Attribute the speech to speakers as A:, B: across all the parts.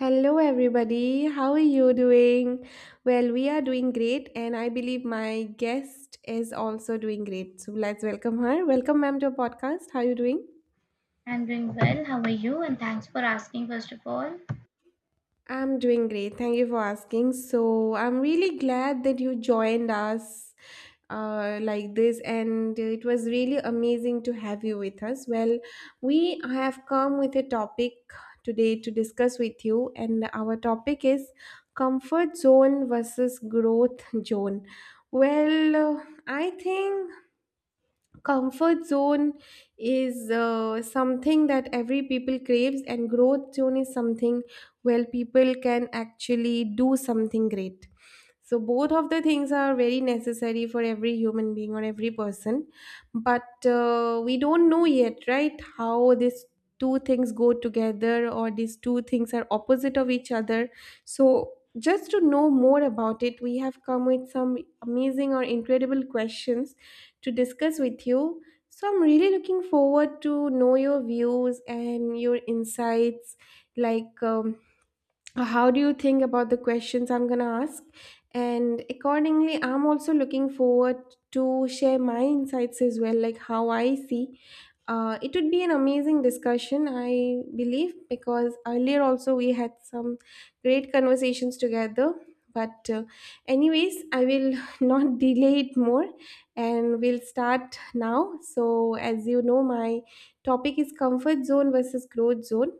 A: Hello, everybody. How are you doing? Well, we are doing great, and I believe my guest is also doing great. So let's welcome her. Welcome, ma'am, to our podcast. How are you doing?
B: I'm doing well. How are you? And thanks for asking, first of all.
A: I'm doing great. Thank you for asking. So I'm really glad that you joined us like this, and it was really amazing to have you with us. Well, we have come with a topic today to discuss with you, and our topic is comfort zone versus growth zone. I think comfort zone is something that every people craves and growth zone is something where people can actually do something great, so both of the things are very necessary for every human being or every person, but we don't know yet, right? How these two things go together, or these two things are opposite of each other. So just to know more about it, we have come with some amazing or incredible questions to discuss with you. So I'm really looking forward to know your views and your insights, like how do you think about the questions I'm going to ask, and accordingly I'm also looking forward to share my insights as well, like how I see. It would be an amazing discussion, I believe, because earlier also we had some great conversations together. But, anyways, I will not delay it more, and we'll start now. So, as you know, my topic is comfort zone versus growth zone.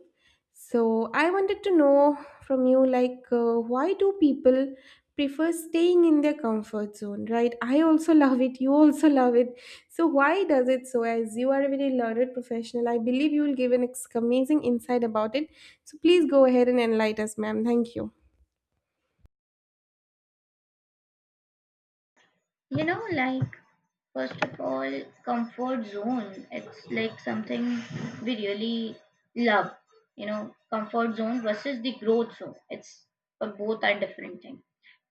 A: So, I wanted to know from you, like, why do people prefer staying in their comfort zone, right? I also love it, you also love it. So why does it, so as you are a very learned professional, I believe you will give an amazing insight about it. So please go ahead and enlighten us, ma'am. Thank you.
B: You know, like, first of all, comfort zone. It's like something we really love. You know, comfort zone versus the growth zone. It's but both are different things.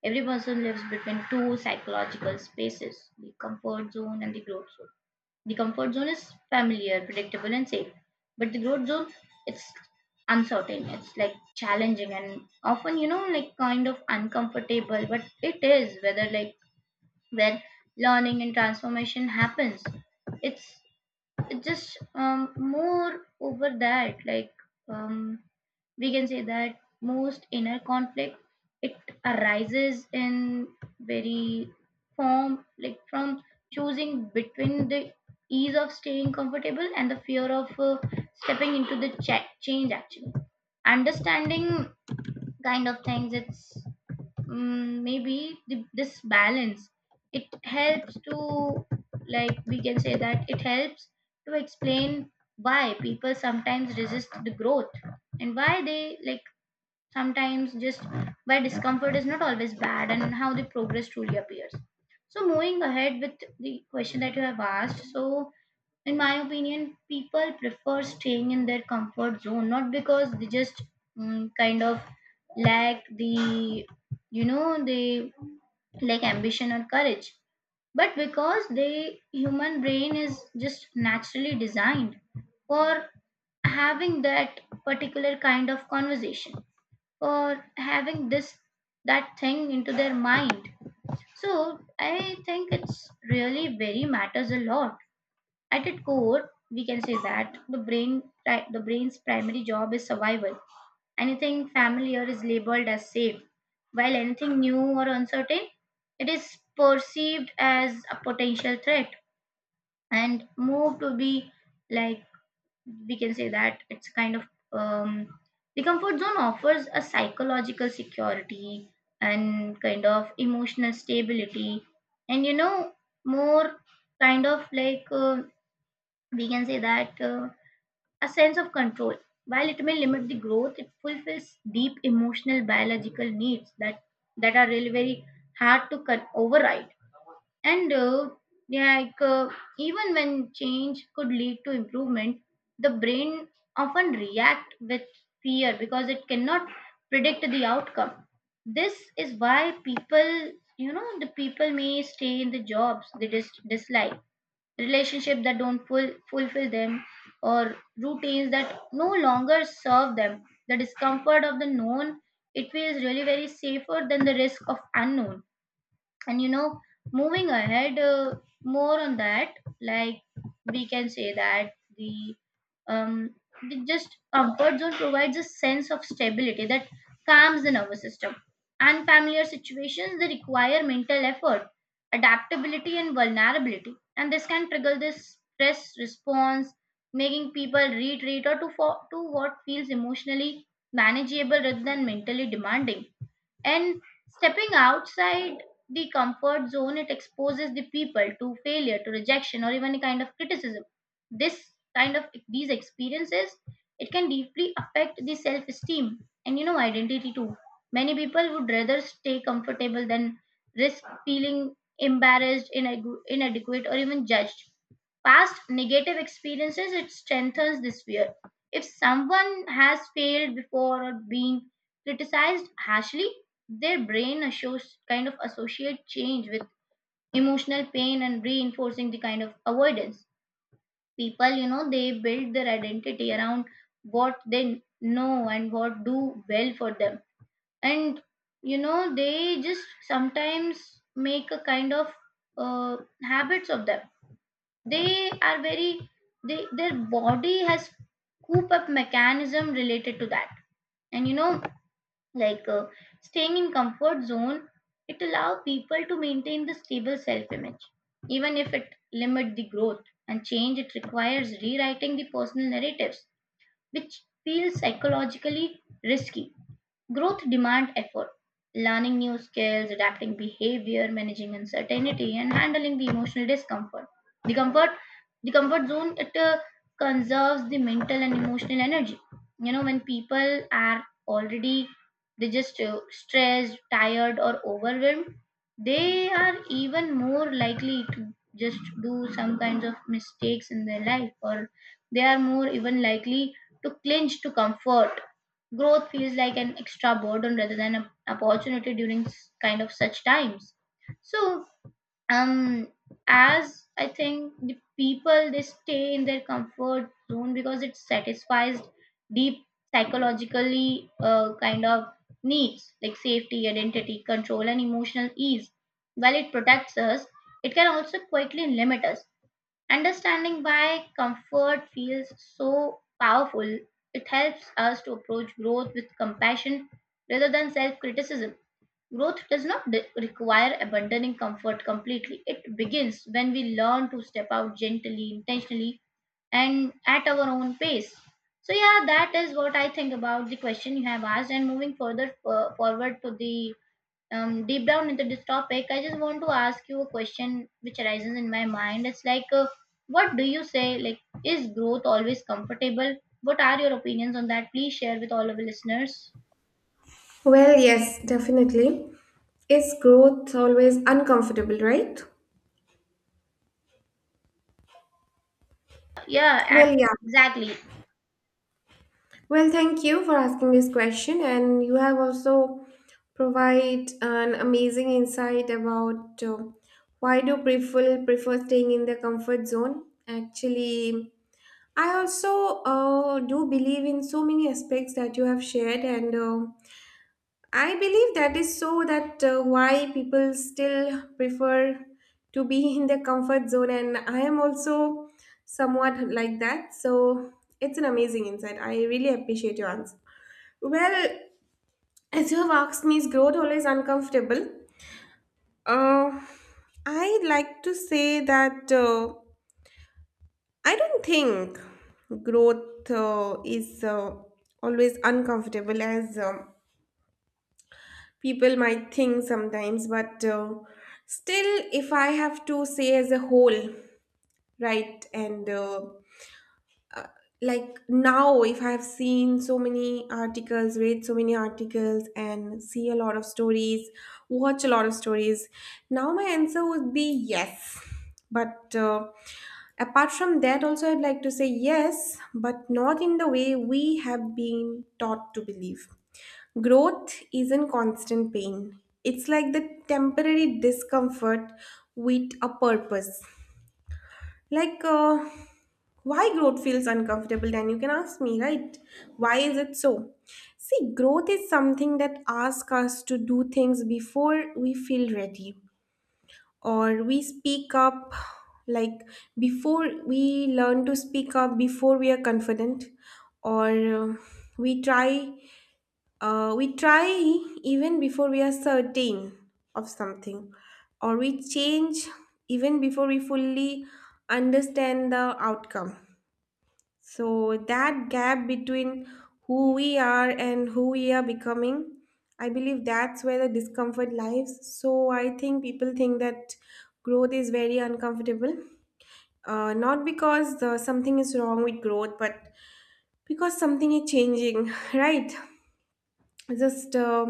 B: Every person lives between two psychological spaces, the comfort zone and the growth zone. The comfort zone is familiar, predictable, and safe. But the growth zone, it's uncertain. It's like challenging and often, you know, like kind of uncomfortable. But it is whether like where learning and transformation happens. It's it's just more over that. Like um, we can say that most inner conflict, it arises in very form, like from choosing between the ease of staying comfortable and the fear of stepping into the change. Actually, understanding kind of things, it's maybe this balance, it helps to, like, we can say that it helps to explain why people sometimes resist the growth, and why they, like, sometimes just where discomfort is not always bad, and how the progress truly appears. So, moving ahead with the question that you have asked, so in my opinion, people prefer staying in their comfort zone not because they just kind of lack the you know, they lack ambition or courage, but because the human brain is just naturally designed for having that particular kind of conversation, or having this that thing into their mind. So I think it's really very matters a lot. At its core, we can say that the brain's primary job is survival. Anything familiar is labeled as safe, while anything new or uncertain, it is perceived as a potential threat and moved to be, like, we can say that it's kind of um, the comfort zone offers a psychological security and kind of emotional stability, and, you know, more kind of like we can say that a sense of control. While it may limit the growth, it fulfills deep emotional biological needs that are really very hard to override. And yeah, like even when change could lead to improvement, the brain often react with fear because it cannot predict the outcome. This is why people, you know, the people may stay in the jobs they dislike, relationships that don't fulfill them, or routines that no longer serve them. The discomfort of the known, it feels really very safer than the risk of unknown. And, you know, moving ahead, more on that, like, we can say that the um the just comfort zone provides a sense of stability that calms the nervous system. Unfamiliar situations, they require mental effort, adaptability, and vulnerability, and this can trigger this stress response, making people retreat or to what feels emotionally manageable rather than mentally demanding. And stepping outside the comfort zone, it exposes the people to failure, to rejection, or even a kind of criticism. This kind of these experiences, it can deeply affect the self-esteem and, you know, identity too. Many people would rather stay comfortable than risk feeling embarrassed, inadequate, or even judged. Past negative experiences, it strengthens this fear. If someone has failed before or being criticized harshly, their brain kind of associate change with emotional pain and reinforcing the kind of avoidance. People, you know, they build their identity around what they know and what do well for them. And, you know, they just sometimes make a kind of uh, habits of them. They are very, they their body has coop up mechanism related to that. And, you know, like staying in comfort zone, it allow people to maintain the stable self image, even if it limit the growth, and change, it requires rewriting the personal narratives, which feels psychologically risky. Growth demand effort, learning new skills, adapting behavior, managing uncertainty, and handling the emotional discomfort. The comfort, the comfort zone, it conserves the mental and emotional energy. You know, when people are already, they just stressed, tired, or overwhelmed, they are even more likely to just do some kinds of mistakes in their life, or they are more even likely to clinch to comfort. Growth feels like an extra burden rather than an opportunity during kind of such times. So, um, as I think, the people, they stay in their comfort zone because it satisfies deep psychologically kind of needs like safety, identity, control, and emotional ease. While it protects us, it can also quickly limit us. Understanding why comfort feels so powerful, it helps us to approach growth with compassion rather than self criticism. Growth does not require abandoning comfort completely. It begins when we learn to step out gently, intentionally, and at our own pace. So, yeah, that is what I think about the question you have asked, and moving further forward to the deep down into this topic, I just want to ask you a question which arises in my mind. It's like, what do you say? Like, is growth always comfortable? What are your opinions on that? Please share with all of the listeners.
A: Well, yes, definitely. Is growth always uncomfortable, right?
B: Yeah,
A: Well, yeah.
B: exactly.
A: Well, thank you for asking this question, and you have also provide an amazing insight about why do people prefer staying in the comfort zone. Actually, I also do believe in so many aspects that you have shared, and I believe that is so, that why people still prefer to be in their comfort zone, and I am also somewhat like that. So it's an amazing insight. I really appreciate your answer. Well, as you have asked me, is growth always uncomfortable? Uh, I like to say that. I don't think growth is always uncomfortable as people might think sometimes, but still, if I have to say as a whole, right, and like now, if I've seen so many articles, read so many articles, and see a lot of stories, watch a lot of stories, now my answer would be yes. But apart from that also, I'd like to say yes, but not in the way we have been taught to believe. Growth isn't constant pain, it's like the temporary discomfort with a purpose. Like, why growth feels uncomfortable, then you can ask me, right? Why is it so? See, growth is something that asks us to do things before we feel ready, or we speak up, like, before we learn to speak up, before we are confident, or we try we try even before we are certain of something, or we change even before we fully understand the outcome. So, that gap between who we are and who we are becoming, I believe that's where the discomfort lies. So, I think people think that growth is very uncomfortable. Not because something is wrong with growth, but because something is changing, right? Just,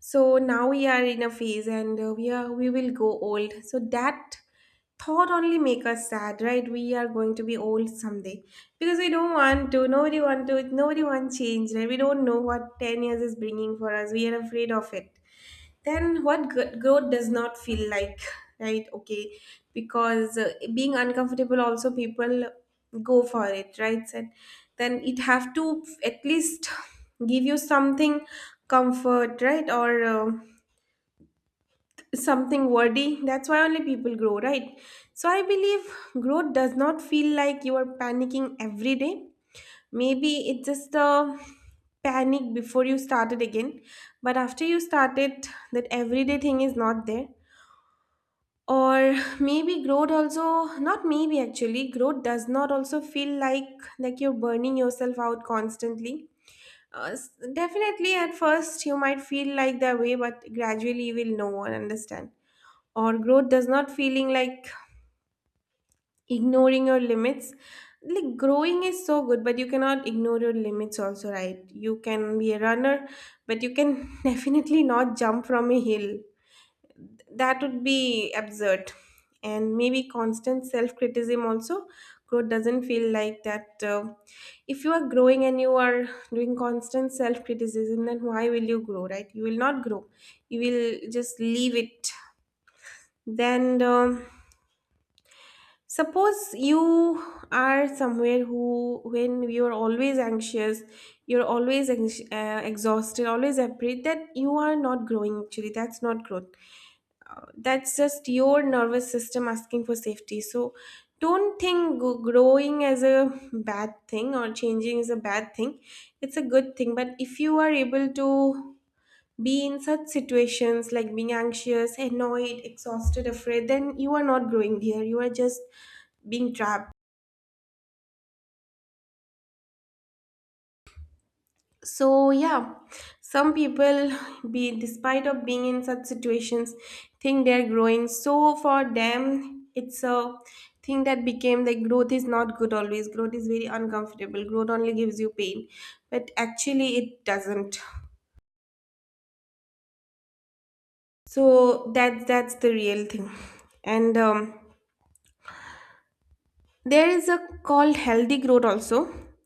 A: so now we are in a phase, and we will go old, so that thought only make us sad, right? We are going to be old someday, because we don't want to, nobody want to, nobody want change, right? We don't know what 10 years is bringing for us, we are afraid of it. Then what growth does not feel like, right? Okay, because being uncomfortable also people go for it, right? And then it have to at least give you something comfort, right? Or something worthy, that's why only people grow, right? So I believe growth does not feel like you are panicking every day. Maybe it's just a panic before you started again, but after you started, that everyday thing is not there. Or maybe growth also not, maybe actually growth does not also feel like you're burning yourself out constantly. Definitely at first you might feel like that way, but gradually you will know and understand. Or growth does not feeling like ignoring your limits. Like growing is so good, but you cannot ignore your limits also, right? You can be a runner, but you can definitely not jump from a hill. That would be absurd. And maybe constant self-criticism also, growth doesn't feel like that. If you are growing and you are doing constant self-criticism, then why will you grow, right? You will not grow, you will just leave it. Then suppose you are somewhere who, when you are always anxious, you're always exhausted, always afraid that you are not growing, actually that's not growth. That's just your nervous system asking for safety. So don't think growing as a bad thing, or changing is a bad thing. It's a good thing, but if you are able to be in such situations, like being anxious, annoyed, exhausted, afraid, then you are not growing here, you are just being trapped. So yeah, some people, be despite of being in such situations, think they're growing. So for them it's a thing that became like growth is not good always, growth is very uncomfortable, growth only gives you pain. But actually it doesn't. So that's the real thing. And there is a called healthy growth also,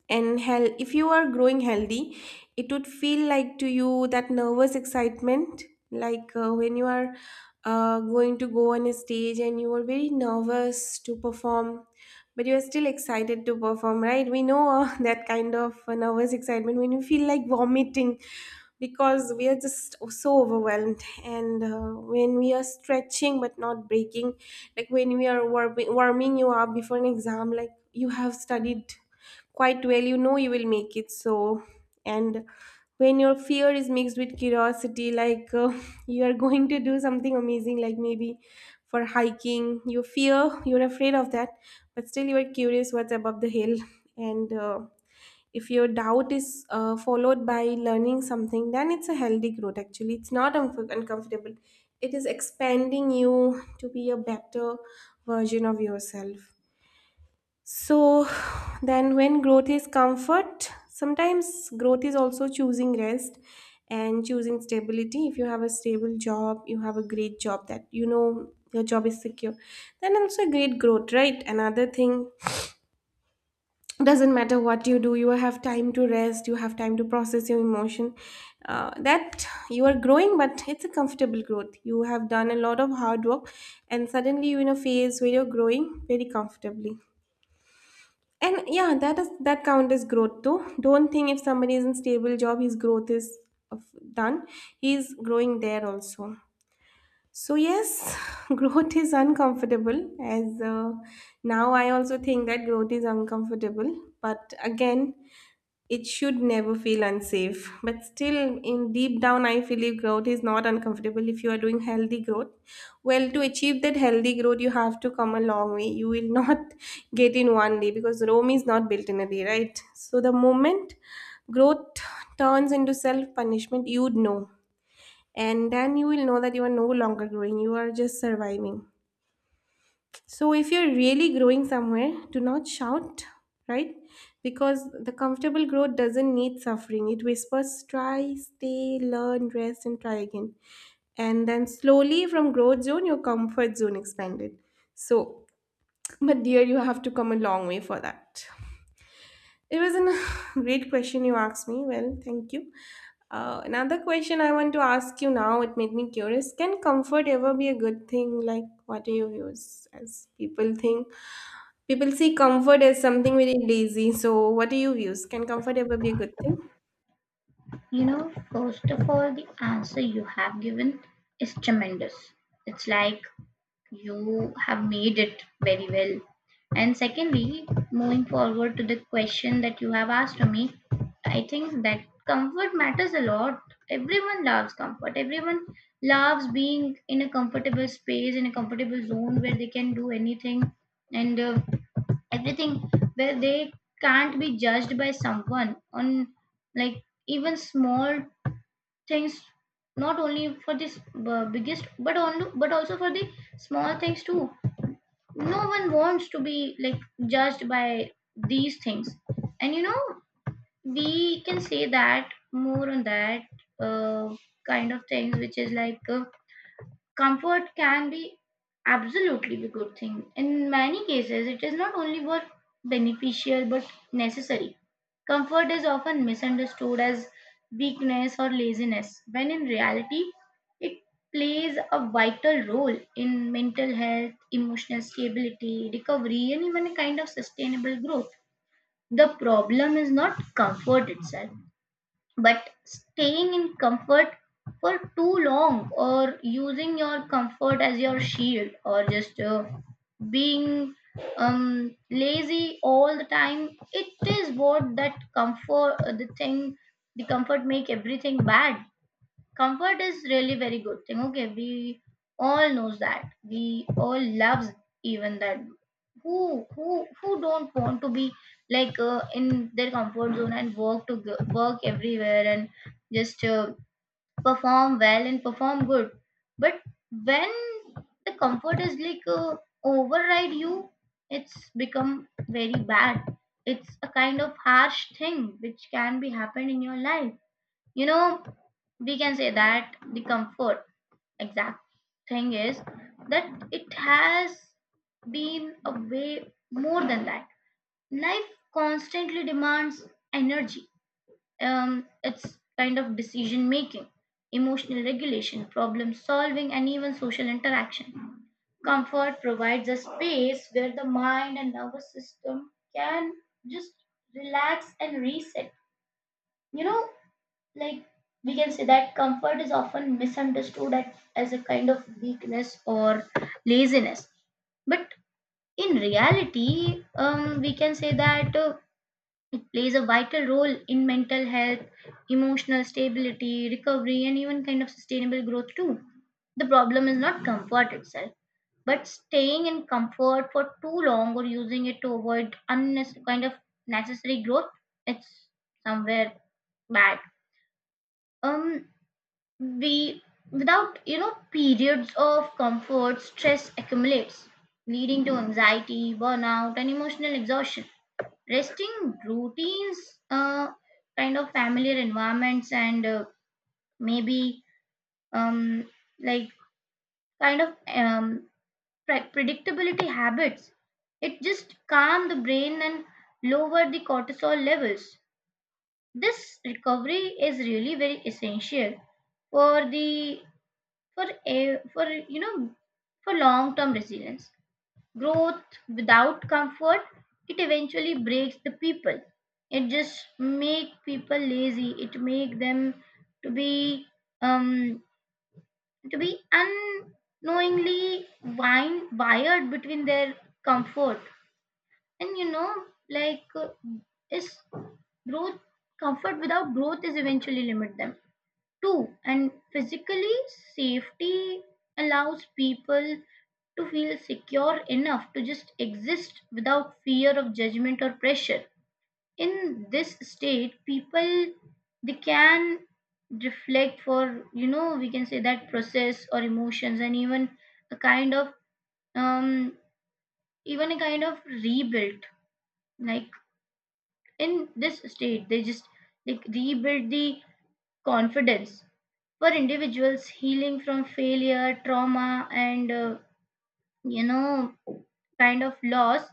A: and hell, if you are growing healthy, it would feel like to you that nervous excitement. Like when you are going to go on a stage and you are very nervous to perform, but you are still excited to perform, right? We know that kind of nervous excitement when you feel like vomiting, because we are just so overwhelmed. And when we are stretching but not breaking, like when we are warming you up before an exam, like you have studied quite well, you know you will make it. So, and when your fear is mixed with curiosity, like you are going to do something amazing, like maybe for hiking, you fear, you're afraid of that, but still you are curious what's above the hill. And if your doubt is followed by learning something, then it's a healthy growth. Actually it's not uncomfortable, it is expanding you to be a better version of yourself. So then when growth is comfort, sometimes growth is also choosing rest and choosing stability. If you have a stable job, you have a great job that you know your job is secure, then also great growth, right? Another thing, doesn't matter what you do, you have time to rest, you have time to process your emotion, that you are growing, but it's a comfortable growth. You have done a lot of hard work, and suddenly you're in a phase where you're growing very comfortably. And yeah, that is, that count as growth though. Don't think if somebody is in stable job his growth is done. He's growing there also. So yes, growth is uncomfortable, as now I also think that growth is uncomfortable. But again, it should never feel unsafe. But still, in deep down, I feel if growth is not uncomfortable, if you are doing healthy growth. Well, to achieve that healthy growth, you have to come a long way. You will not get in one day, because Rome is not built in a day, right? So the moment growth turns into self punishment, you'd know. And then you will know that you are no longer growing, you are just surviving. So if you're really growing somewhere, do not shout, right? Because the comfortable growth doesn't need suffering. It whispers, try, stay, learn, rest, and try again. And then slowly from growth zone, your comfort zone expanded. So, but dear, you have to come a long way for that. It was a great question you asked me. Well, thank you. Another question I want to ask you now, it made me curious. Can comfort ever be a good thing? Like, what do you use as people think? People see comfort as something very lazy. So, what do you use? Can comfort ever be a good thing?
B: You know, first of all, the answer you have given is tremendous. It's like you have made it very well. And secondly, moving forward to the question that you have asked me, I think that comfort matters a lot. Everyone loves comfort. Everyone loves being in a comfortable space, in a comfortable zone where they can do anything and everything, where they can't be judged by someone on, like, even small things, not only for this biggest, but only but also for the small things too. No one wants to be like judged by these things. And, you know, we can say that more on that, uh, kind of things, which is like comfort can be absolutely be good thing. In many cases, it is not only what beneficial but necessary. Comfort is often misunderstood as weakness or laziness, when in reality, it plays a vital role in mental health, emotional stability, recovery, and even a kind of sustainable growth. The problem is not comfort itself, but staying in comfort for too long, or using your comfort as your shield, or just being lazy all the time. It is what that comfort, the thing, the comfort make everything bad. Comfort is really very good thing. Okay, we all knows that. We all loves even that. Who don't want to be, like, in their comfort zone and work to go, work everywhere and just perform well and perform good. But when the comfort is like override you, it's become very bad. It's a kind of harsh thing which can be happened in your life. You know, we can say that the comfort exact thing is that it has been a way more than that. Life constantly demands energy, it's kind of decision making, emotional regulation, problem solving, and even social interaction. Comfort provides a space where the mind and nervous system can just relax and reset. You know, like, we can say that comfort is often misunderstood as a kind of weakness or laziness, but in reality, we can say that it plays a vital role in mental health, emotional stability, recovery, and even kind of sustainable growth too. The problem is not comfort itself, but staying in comfort for too long, or using it to avoid unnecessary kind of necessary growth. It's somewhere bad. um we, without, you know, periods of comfort, stress accumulates, leading to anxiety, burnout, and emotional exhaustion. Resting routines, kind of familiar environments, and maybe, um, like, kind of, predictability habits, it just calm the brain and lower the cortisol levels. This recovery is really very essential for the for, you know, for long term resilience. Growth without comfort, it eventually breaks the people. It just make people lazy. It make them to be, um to be unknowingly, wine wired between their comfort and, you know, like is growth, comfort without growth is eventually limit them. Two, and physically, safety allows people to feel secure enough to just exist without fear of judgment or pressure. In this state, people, they can reflect, for, you know, we can say that process or emotions, and even a kind of, um even a kind of rebuild, like, in this state they just, like, rebuild the confidence. For individuals healing from failure, trauma, and you know, kind of loss,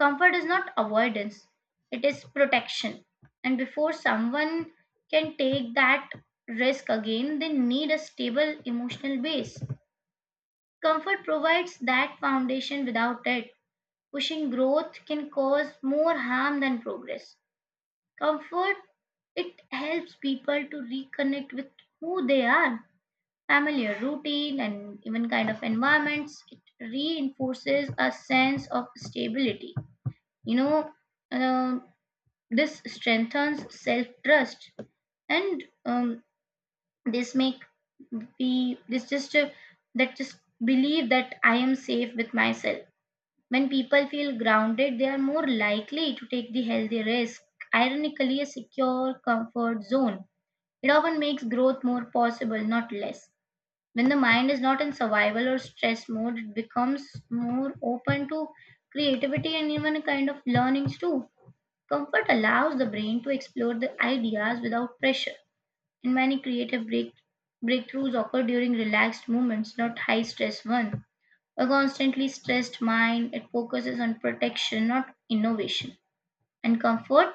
B: comfort is not avoidance, it is protection. And before someone can take that risk again, they need a stable emotional base. Comfort provides that foundation without it. Pushing growth can cause more harm than progress. Comfort, it helps people to reconnect with who they are, familiar routine and even kind of environments. It reinforces a sense of stability, you know uh, this strengthens self trust, and this make be this just that just believe that I am safe with myself. When people feel grounded, they are more likely to take the healthy risk. Ironically, a secure comfort zone, it often makes growth more possible, not less. When the mind is not in survival or stress mode, it becomes more open to creativity and even a kind of learnings too. Comfort allows the brain to explore the ideas without pressure, and many breakthroughs occur during relaxed moments, not high stress ones. A constantly stressed mind, it focuses on protection, not innovation. And comfort,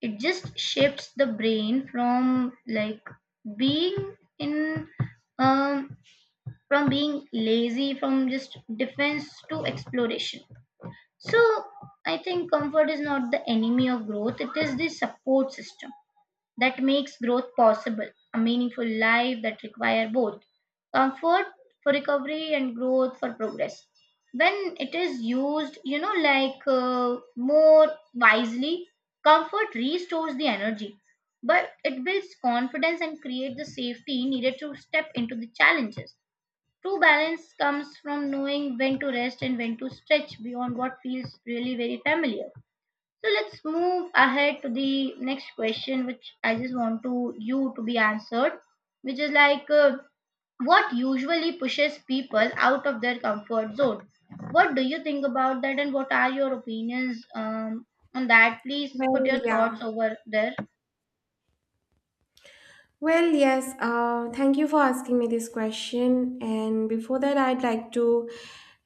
B: it just shifts the brain from being in um, being lazy, from just defense to exploration. So I think comfort is not the enemy of growth, it is the support system that makes growth possible. A meaningful life that require both comfort for recovery and growth for progress. When it is used, more wisely, comfort restores the energy, but it builds confidence and creates the safety needed to step into the challenges. True balance comes from knowing when to rest and when to stretch beyond what feels really very familiar. So let's move ahead to the next question, which I just want to you to be answered, which is what usually pushes people out of their comfort zone? What do you think about that, and what are your opinions on that? Please put
A: Well,
B: your thoughts
A: yeah.
B: over there.
A: Well, yes, thank you for asking me this question. And before that, I'd like to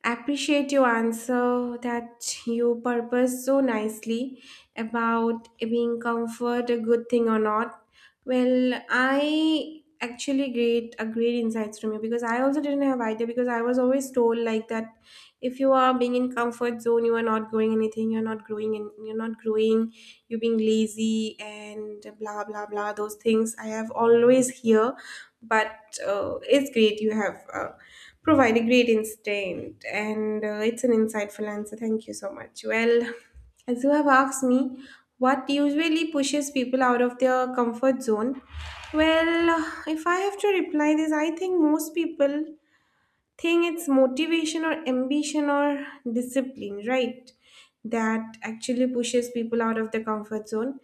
A: appreciate your answer that you purpose so nicely about being comfort a good thing or not. Well, I actually great a great insights from you because I also didn't have idea because I was always told like that if you are being in comfort zone you are not growing anything, you're not growing and you're not growing, you're being lazy and blah blah blah, those things I have always hear. But it's great you have provided great insight, and it's an insightful answer. Thank you so much. Well, as you have asked me what usually pushes people out of their comfort zone, well, if I have to reply this, I think most people think it's motivation or ambition or discipline, right? That actually pushes people out of the comfort zone.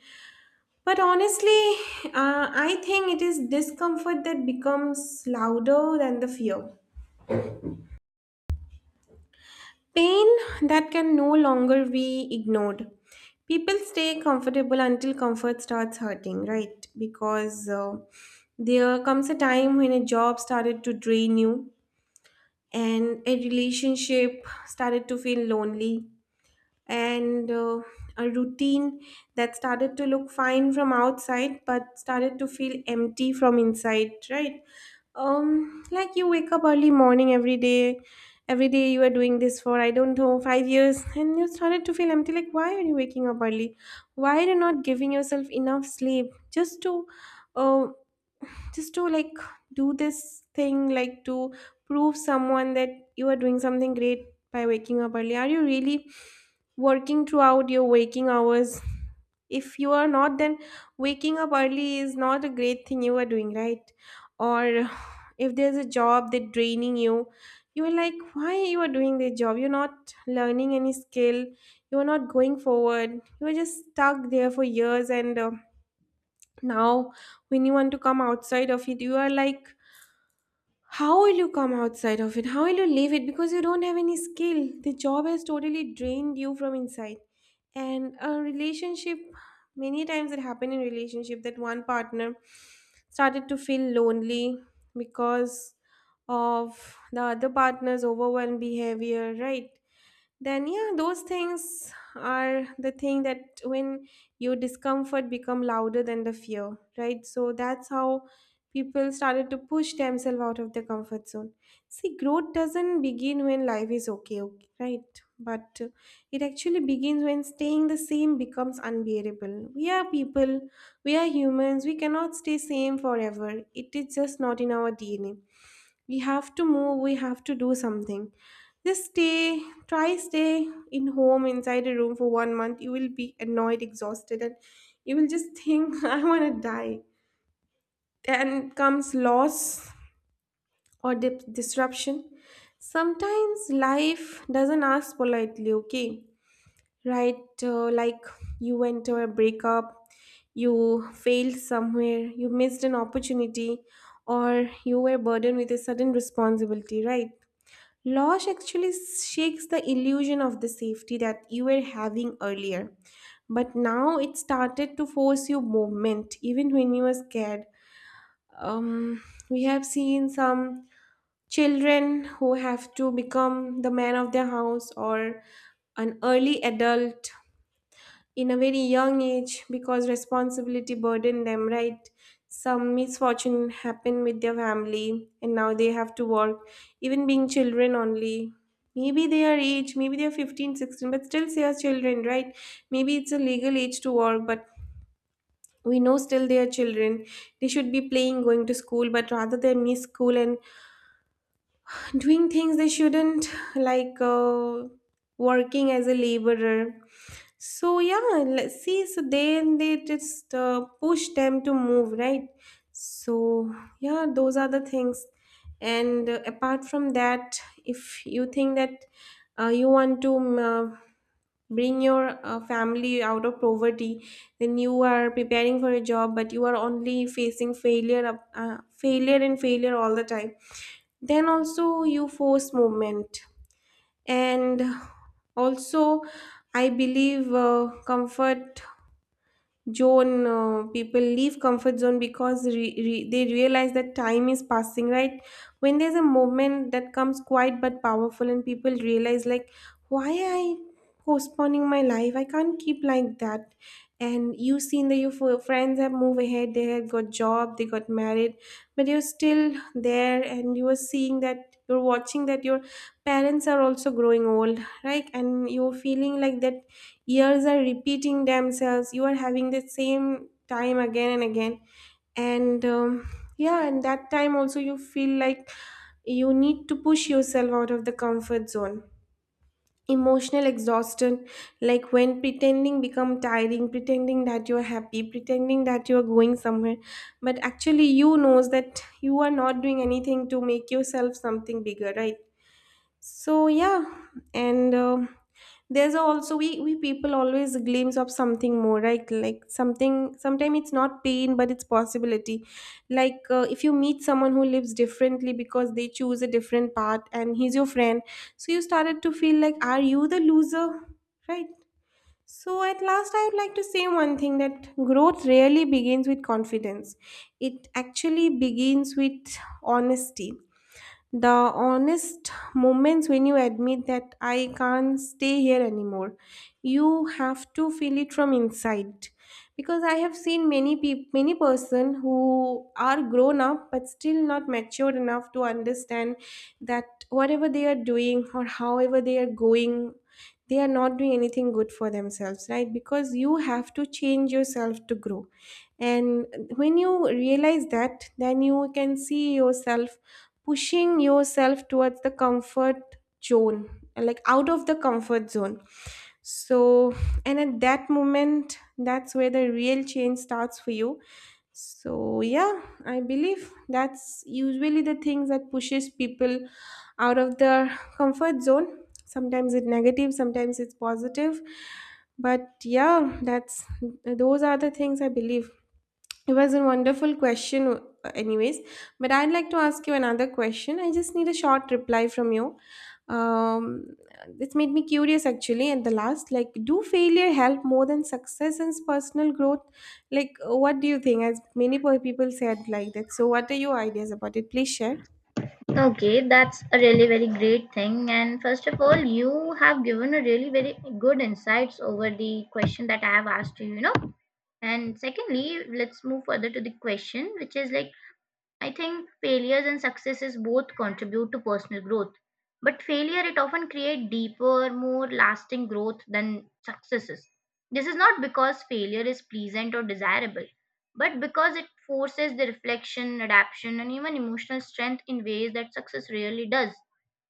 A: But honestly, I think it is discomfort that becomes louder than the fear. Pain that can no longer be ignored. People stay comfortable until comfort starts hurting, right? Because there comes a time when a job started to drain you, and a relationship started to feel lonely, and a routine that started to look fine from outside but started to feel empty from inside, right? Um, like you wake up early morning every day, every day you are doing this for, I don't know, 5 years, and you started to feel empty, like why are you waking up early, why are you not giving yourself enough sleep just to uh, just to, like, do this thing, like to prove someone that you are doing something great. By waking up early, are you really working throughout your waking hours? If you are not, then waking up early is not a great thing you are doing, right? Or if there's a job that draining you, you are like, why you are doing this job? You're not learning any skill, you're not going forward, you're just stuck there for years. And now, when you want to come outside of it, you are like, how will you come outside of it, how will you leave it, because you don't have any skill, the job has totally drained you from inside. And a relationship, many times it happened in relationship that one partner started to feel lonely because of the other partner's overwhelmed behavior, right? Then yeah, those things are the thing that when your discomfort become louder than the fear, right? So that's how people started to push themselves out of the comfort zone. See, growth doesn't begin when life is okay, okay, right? But it actually begins when staying the same becomes unbearable. We are people, we are humans, we cannot stay same forever. It is just not in our DNA. We have to move, we have to do something. Just stay, try stay in home inside a room for 1 month, you will be annoyed, exhausted, and you will just think I want to die. Then comes loss or disruption. Sometimes life doesn't ask politely, okay, right? Like you went to a breakup, you failed somewhere, you missed an opportunity, or you were burdened with a sudden responsibility, right? Loss actually shakes the illusion of the safety that you were having earlier. But now it started to force you movement, even when you were scared. Um, we have seen some children who have to become the man of their house, or an early adult in a very young age, because responsibility burdened them, right? Some misfortune happened with their family and now they have to work, even being children only. Maybe they are age, maybe they are 15, 16, but still they are children, right? Maybe it's a legal age to work, but we know still they are children. They should be playing, going to school, but rather they miss school and doing things they shouldn't, like working as a laborer. So yeah, let's see, so then they just push them to move, right? So yeah, those are the things. And apart from that, if you think that you want to bring your family out of poverty, then you are preparing for a job but you are only facing failure, failure and failure all the time, then also you force movement. And also, I believe comfort zone, people leave comfort zone because they realize that time is passing, right? When there's a movement that comes quiet but powerful, and people realize, like, why I postponing my life, I can't keep like that. And you seen that your friends have moved ahead, they had got job, they got married, but you're still there, and you are seeing that, you're watching that your parents are also growing old, right? And you're feeling like that years are repeating themselves, you are having the same time again and again. And yeah, and that time also you feel like you need to push yourself out of the comfort zone. Emotional exhaustion, like when pretending become tiring, pretending that you're happy, pretending that you're going somewhere, but actually you knows that you are not doing anything to make yourself something bigger, right? So yeah. And there's also, we people always glimpse of something more, right? Like something, sometimes it's not pain but it's possibility. Like if you meet someone who lives differently because they choose a different path, and he's your friend, so you started to feel like, are you the loser, right? So at last, I would like to say one thing that growth rarely begins with confidence. It actually begins with honesty, the honest moments when you admit that I can't stay here anymore. You have to feel it from inside, because I have seen many people, many person who are grown up but still not matured enough to understand that whatever they are doing or however they are going, they are not doing anything good for themselves, right? Because you have to change yourself to grow. And when you realize that, then you can see yourself pushing yourself towards the comfort zone, like out of the comfort zone. So, and at that moment, that's where the real change starts for you. So yeah, I believe that's usually the things that pushes people out of their comfort zone. Sometimes it's negative, sometimes it's positive, but yeah, that's, those are the things I believe. It was a wonderful question, anyways. But I'd like to ask you another question. I just need a short reply from you. Um, this made me curious actually. At the last, like, do failure help more than success in personal growth? Like, what do you think? As many people said, like that. So, what are your ideas about it? Please share.
B: Okay, that's a really very great thing. And first of all, you have given a really very good insights over the question that I have asked you, you know. And secondly, let's move further to the question, which is like I think failures and successes both contribute to personal growth, but failure it often create deeper, more lasting growth than successes. This is not because failure is pleasant or desirable, but because it forces the reflection, adaptation, and even emotional strength in ways that success rarely does.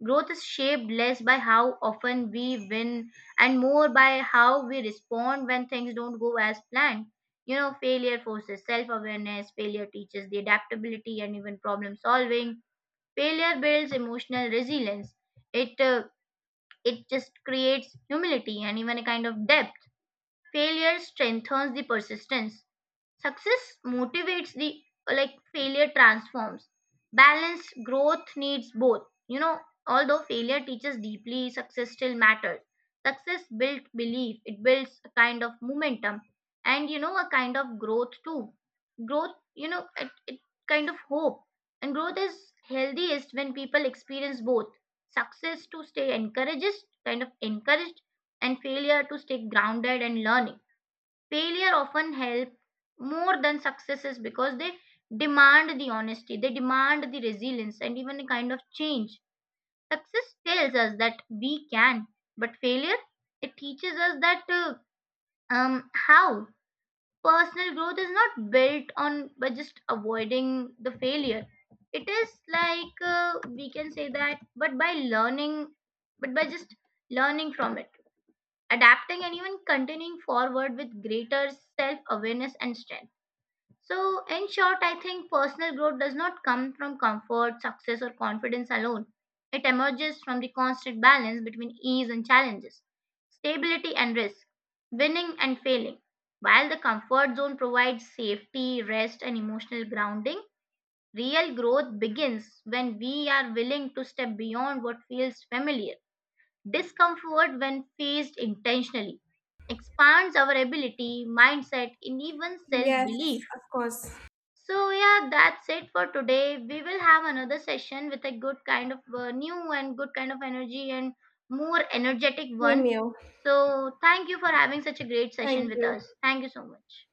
B: Growth is shaped less by how often we win and more by how we respond when things don't go as planned. You know, failure forces self awareness, failure teaches the adaptability and even problem solving. Failure builds emotional resilience. It, uh, it just creates humility and even a kind of depth. Failure strengthens the persistence. Success motivates the like failure transforms. Balanced growth needs both. You know, although failure teaches deeply, success still matters. Success builds belief, it builds a kind of momentum and you know a kind of growth too. Growth, you know, it kind of hope. And growth is healthiest when people experience both. Success to stay encouraged, kind of encouraged, and failure to stay grounded and learning. Failure often help more than successes because they demand the honesty, they demand the resilience and even a kind of change. Success tells us that we can, but failure, it teaches us that how personal growth is not built on by just avoiding the failure. It is we can say that, but by learning, but by just learning from it, adapting and even continuing forward with greater self awareness and strength. So, in short, I think personal growth does not come from comfort, success, or confidence alone. It emerges from the constant balance between ease and challenges, stability and risk, winning and failing. While the comfort zone provides safety, rest, and emotional grounding, real growth begins when we are willing to step beyond what feels familiar. Discomfort, when faced intentionally, expands our ability, mindset, and even self
A: Yes,
B: belief.
A: of course.
B: So, yeah, that's it for today. We will have another session with a good kind of new and good kind of energy and more energetic
A: Same
B: one.
A: here.
B: So, thank you for having such a great session
A: Thank
B: with
A: you.
B: us. Thank you so much.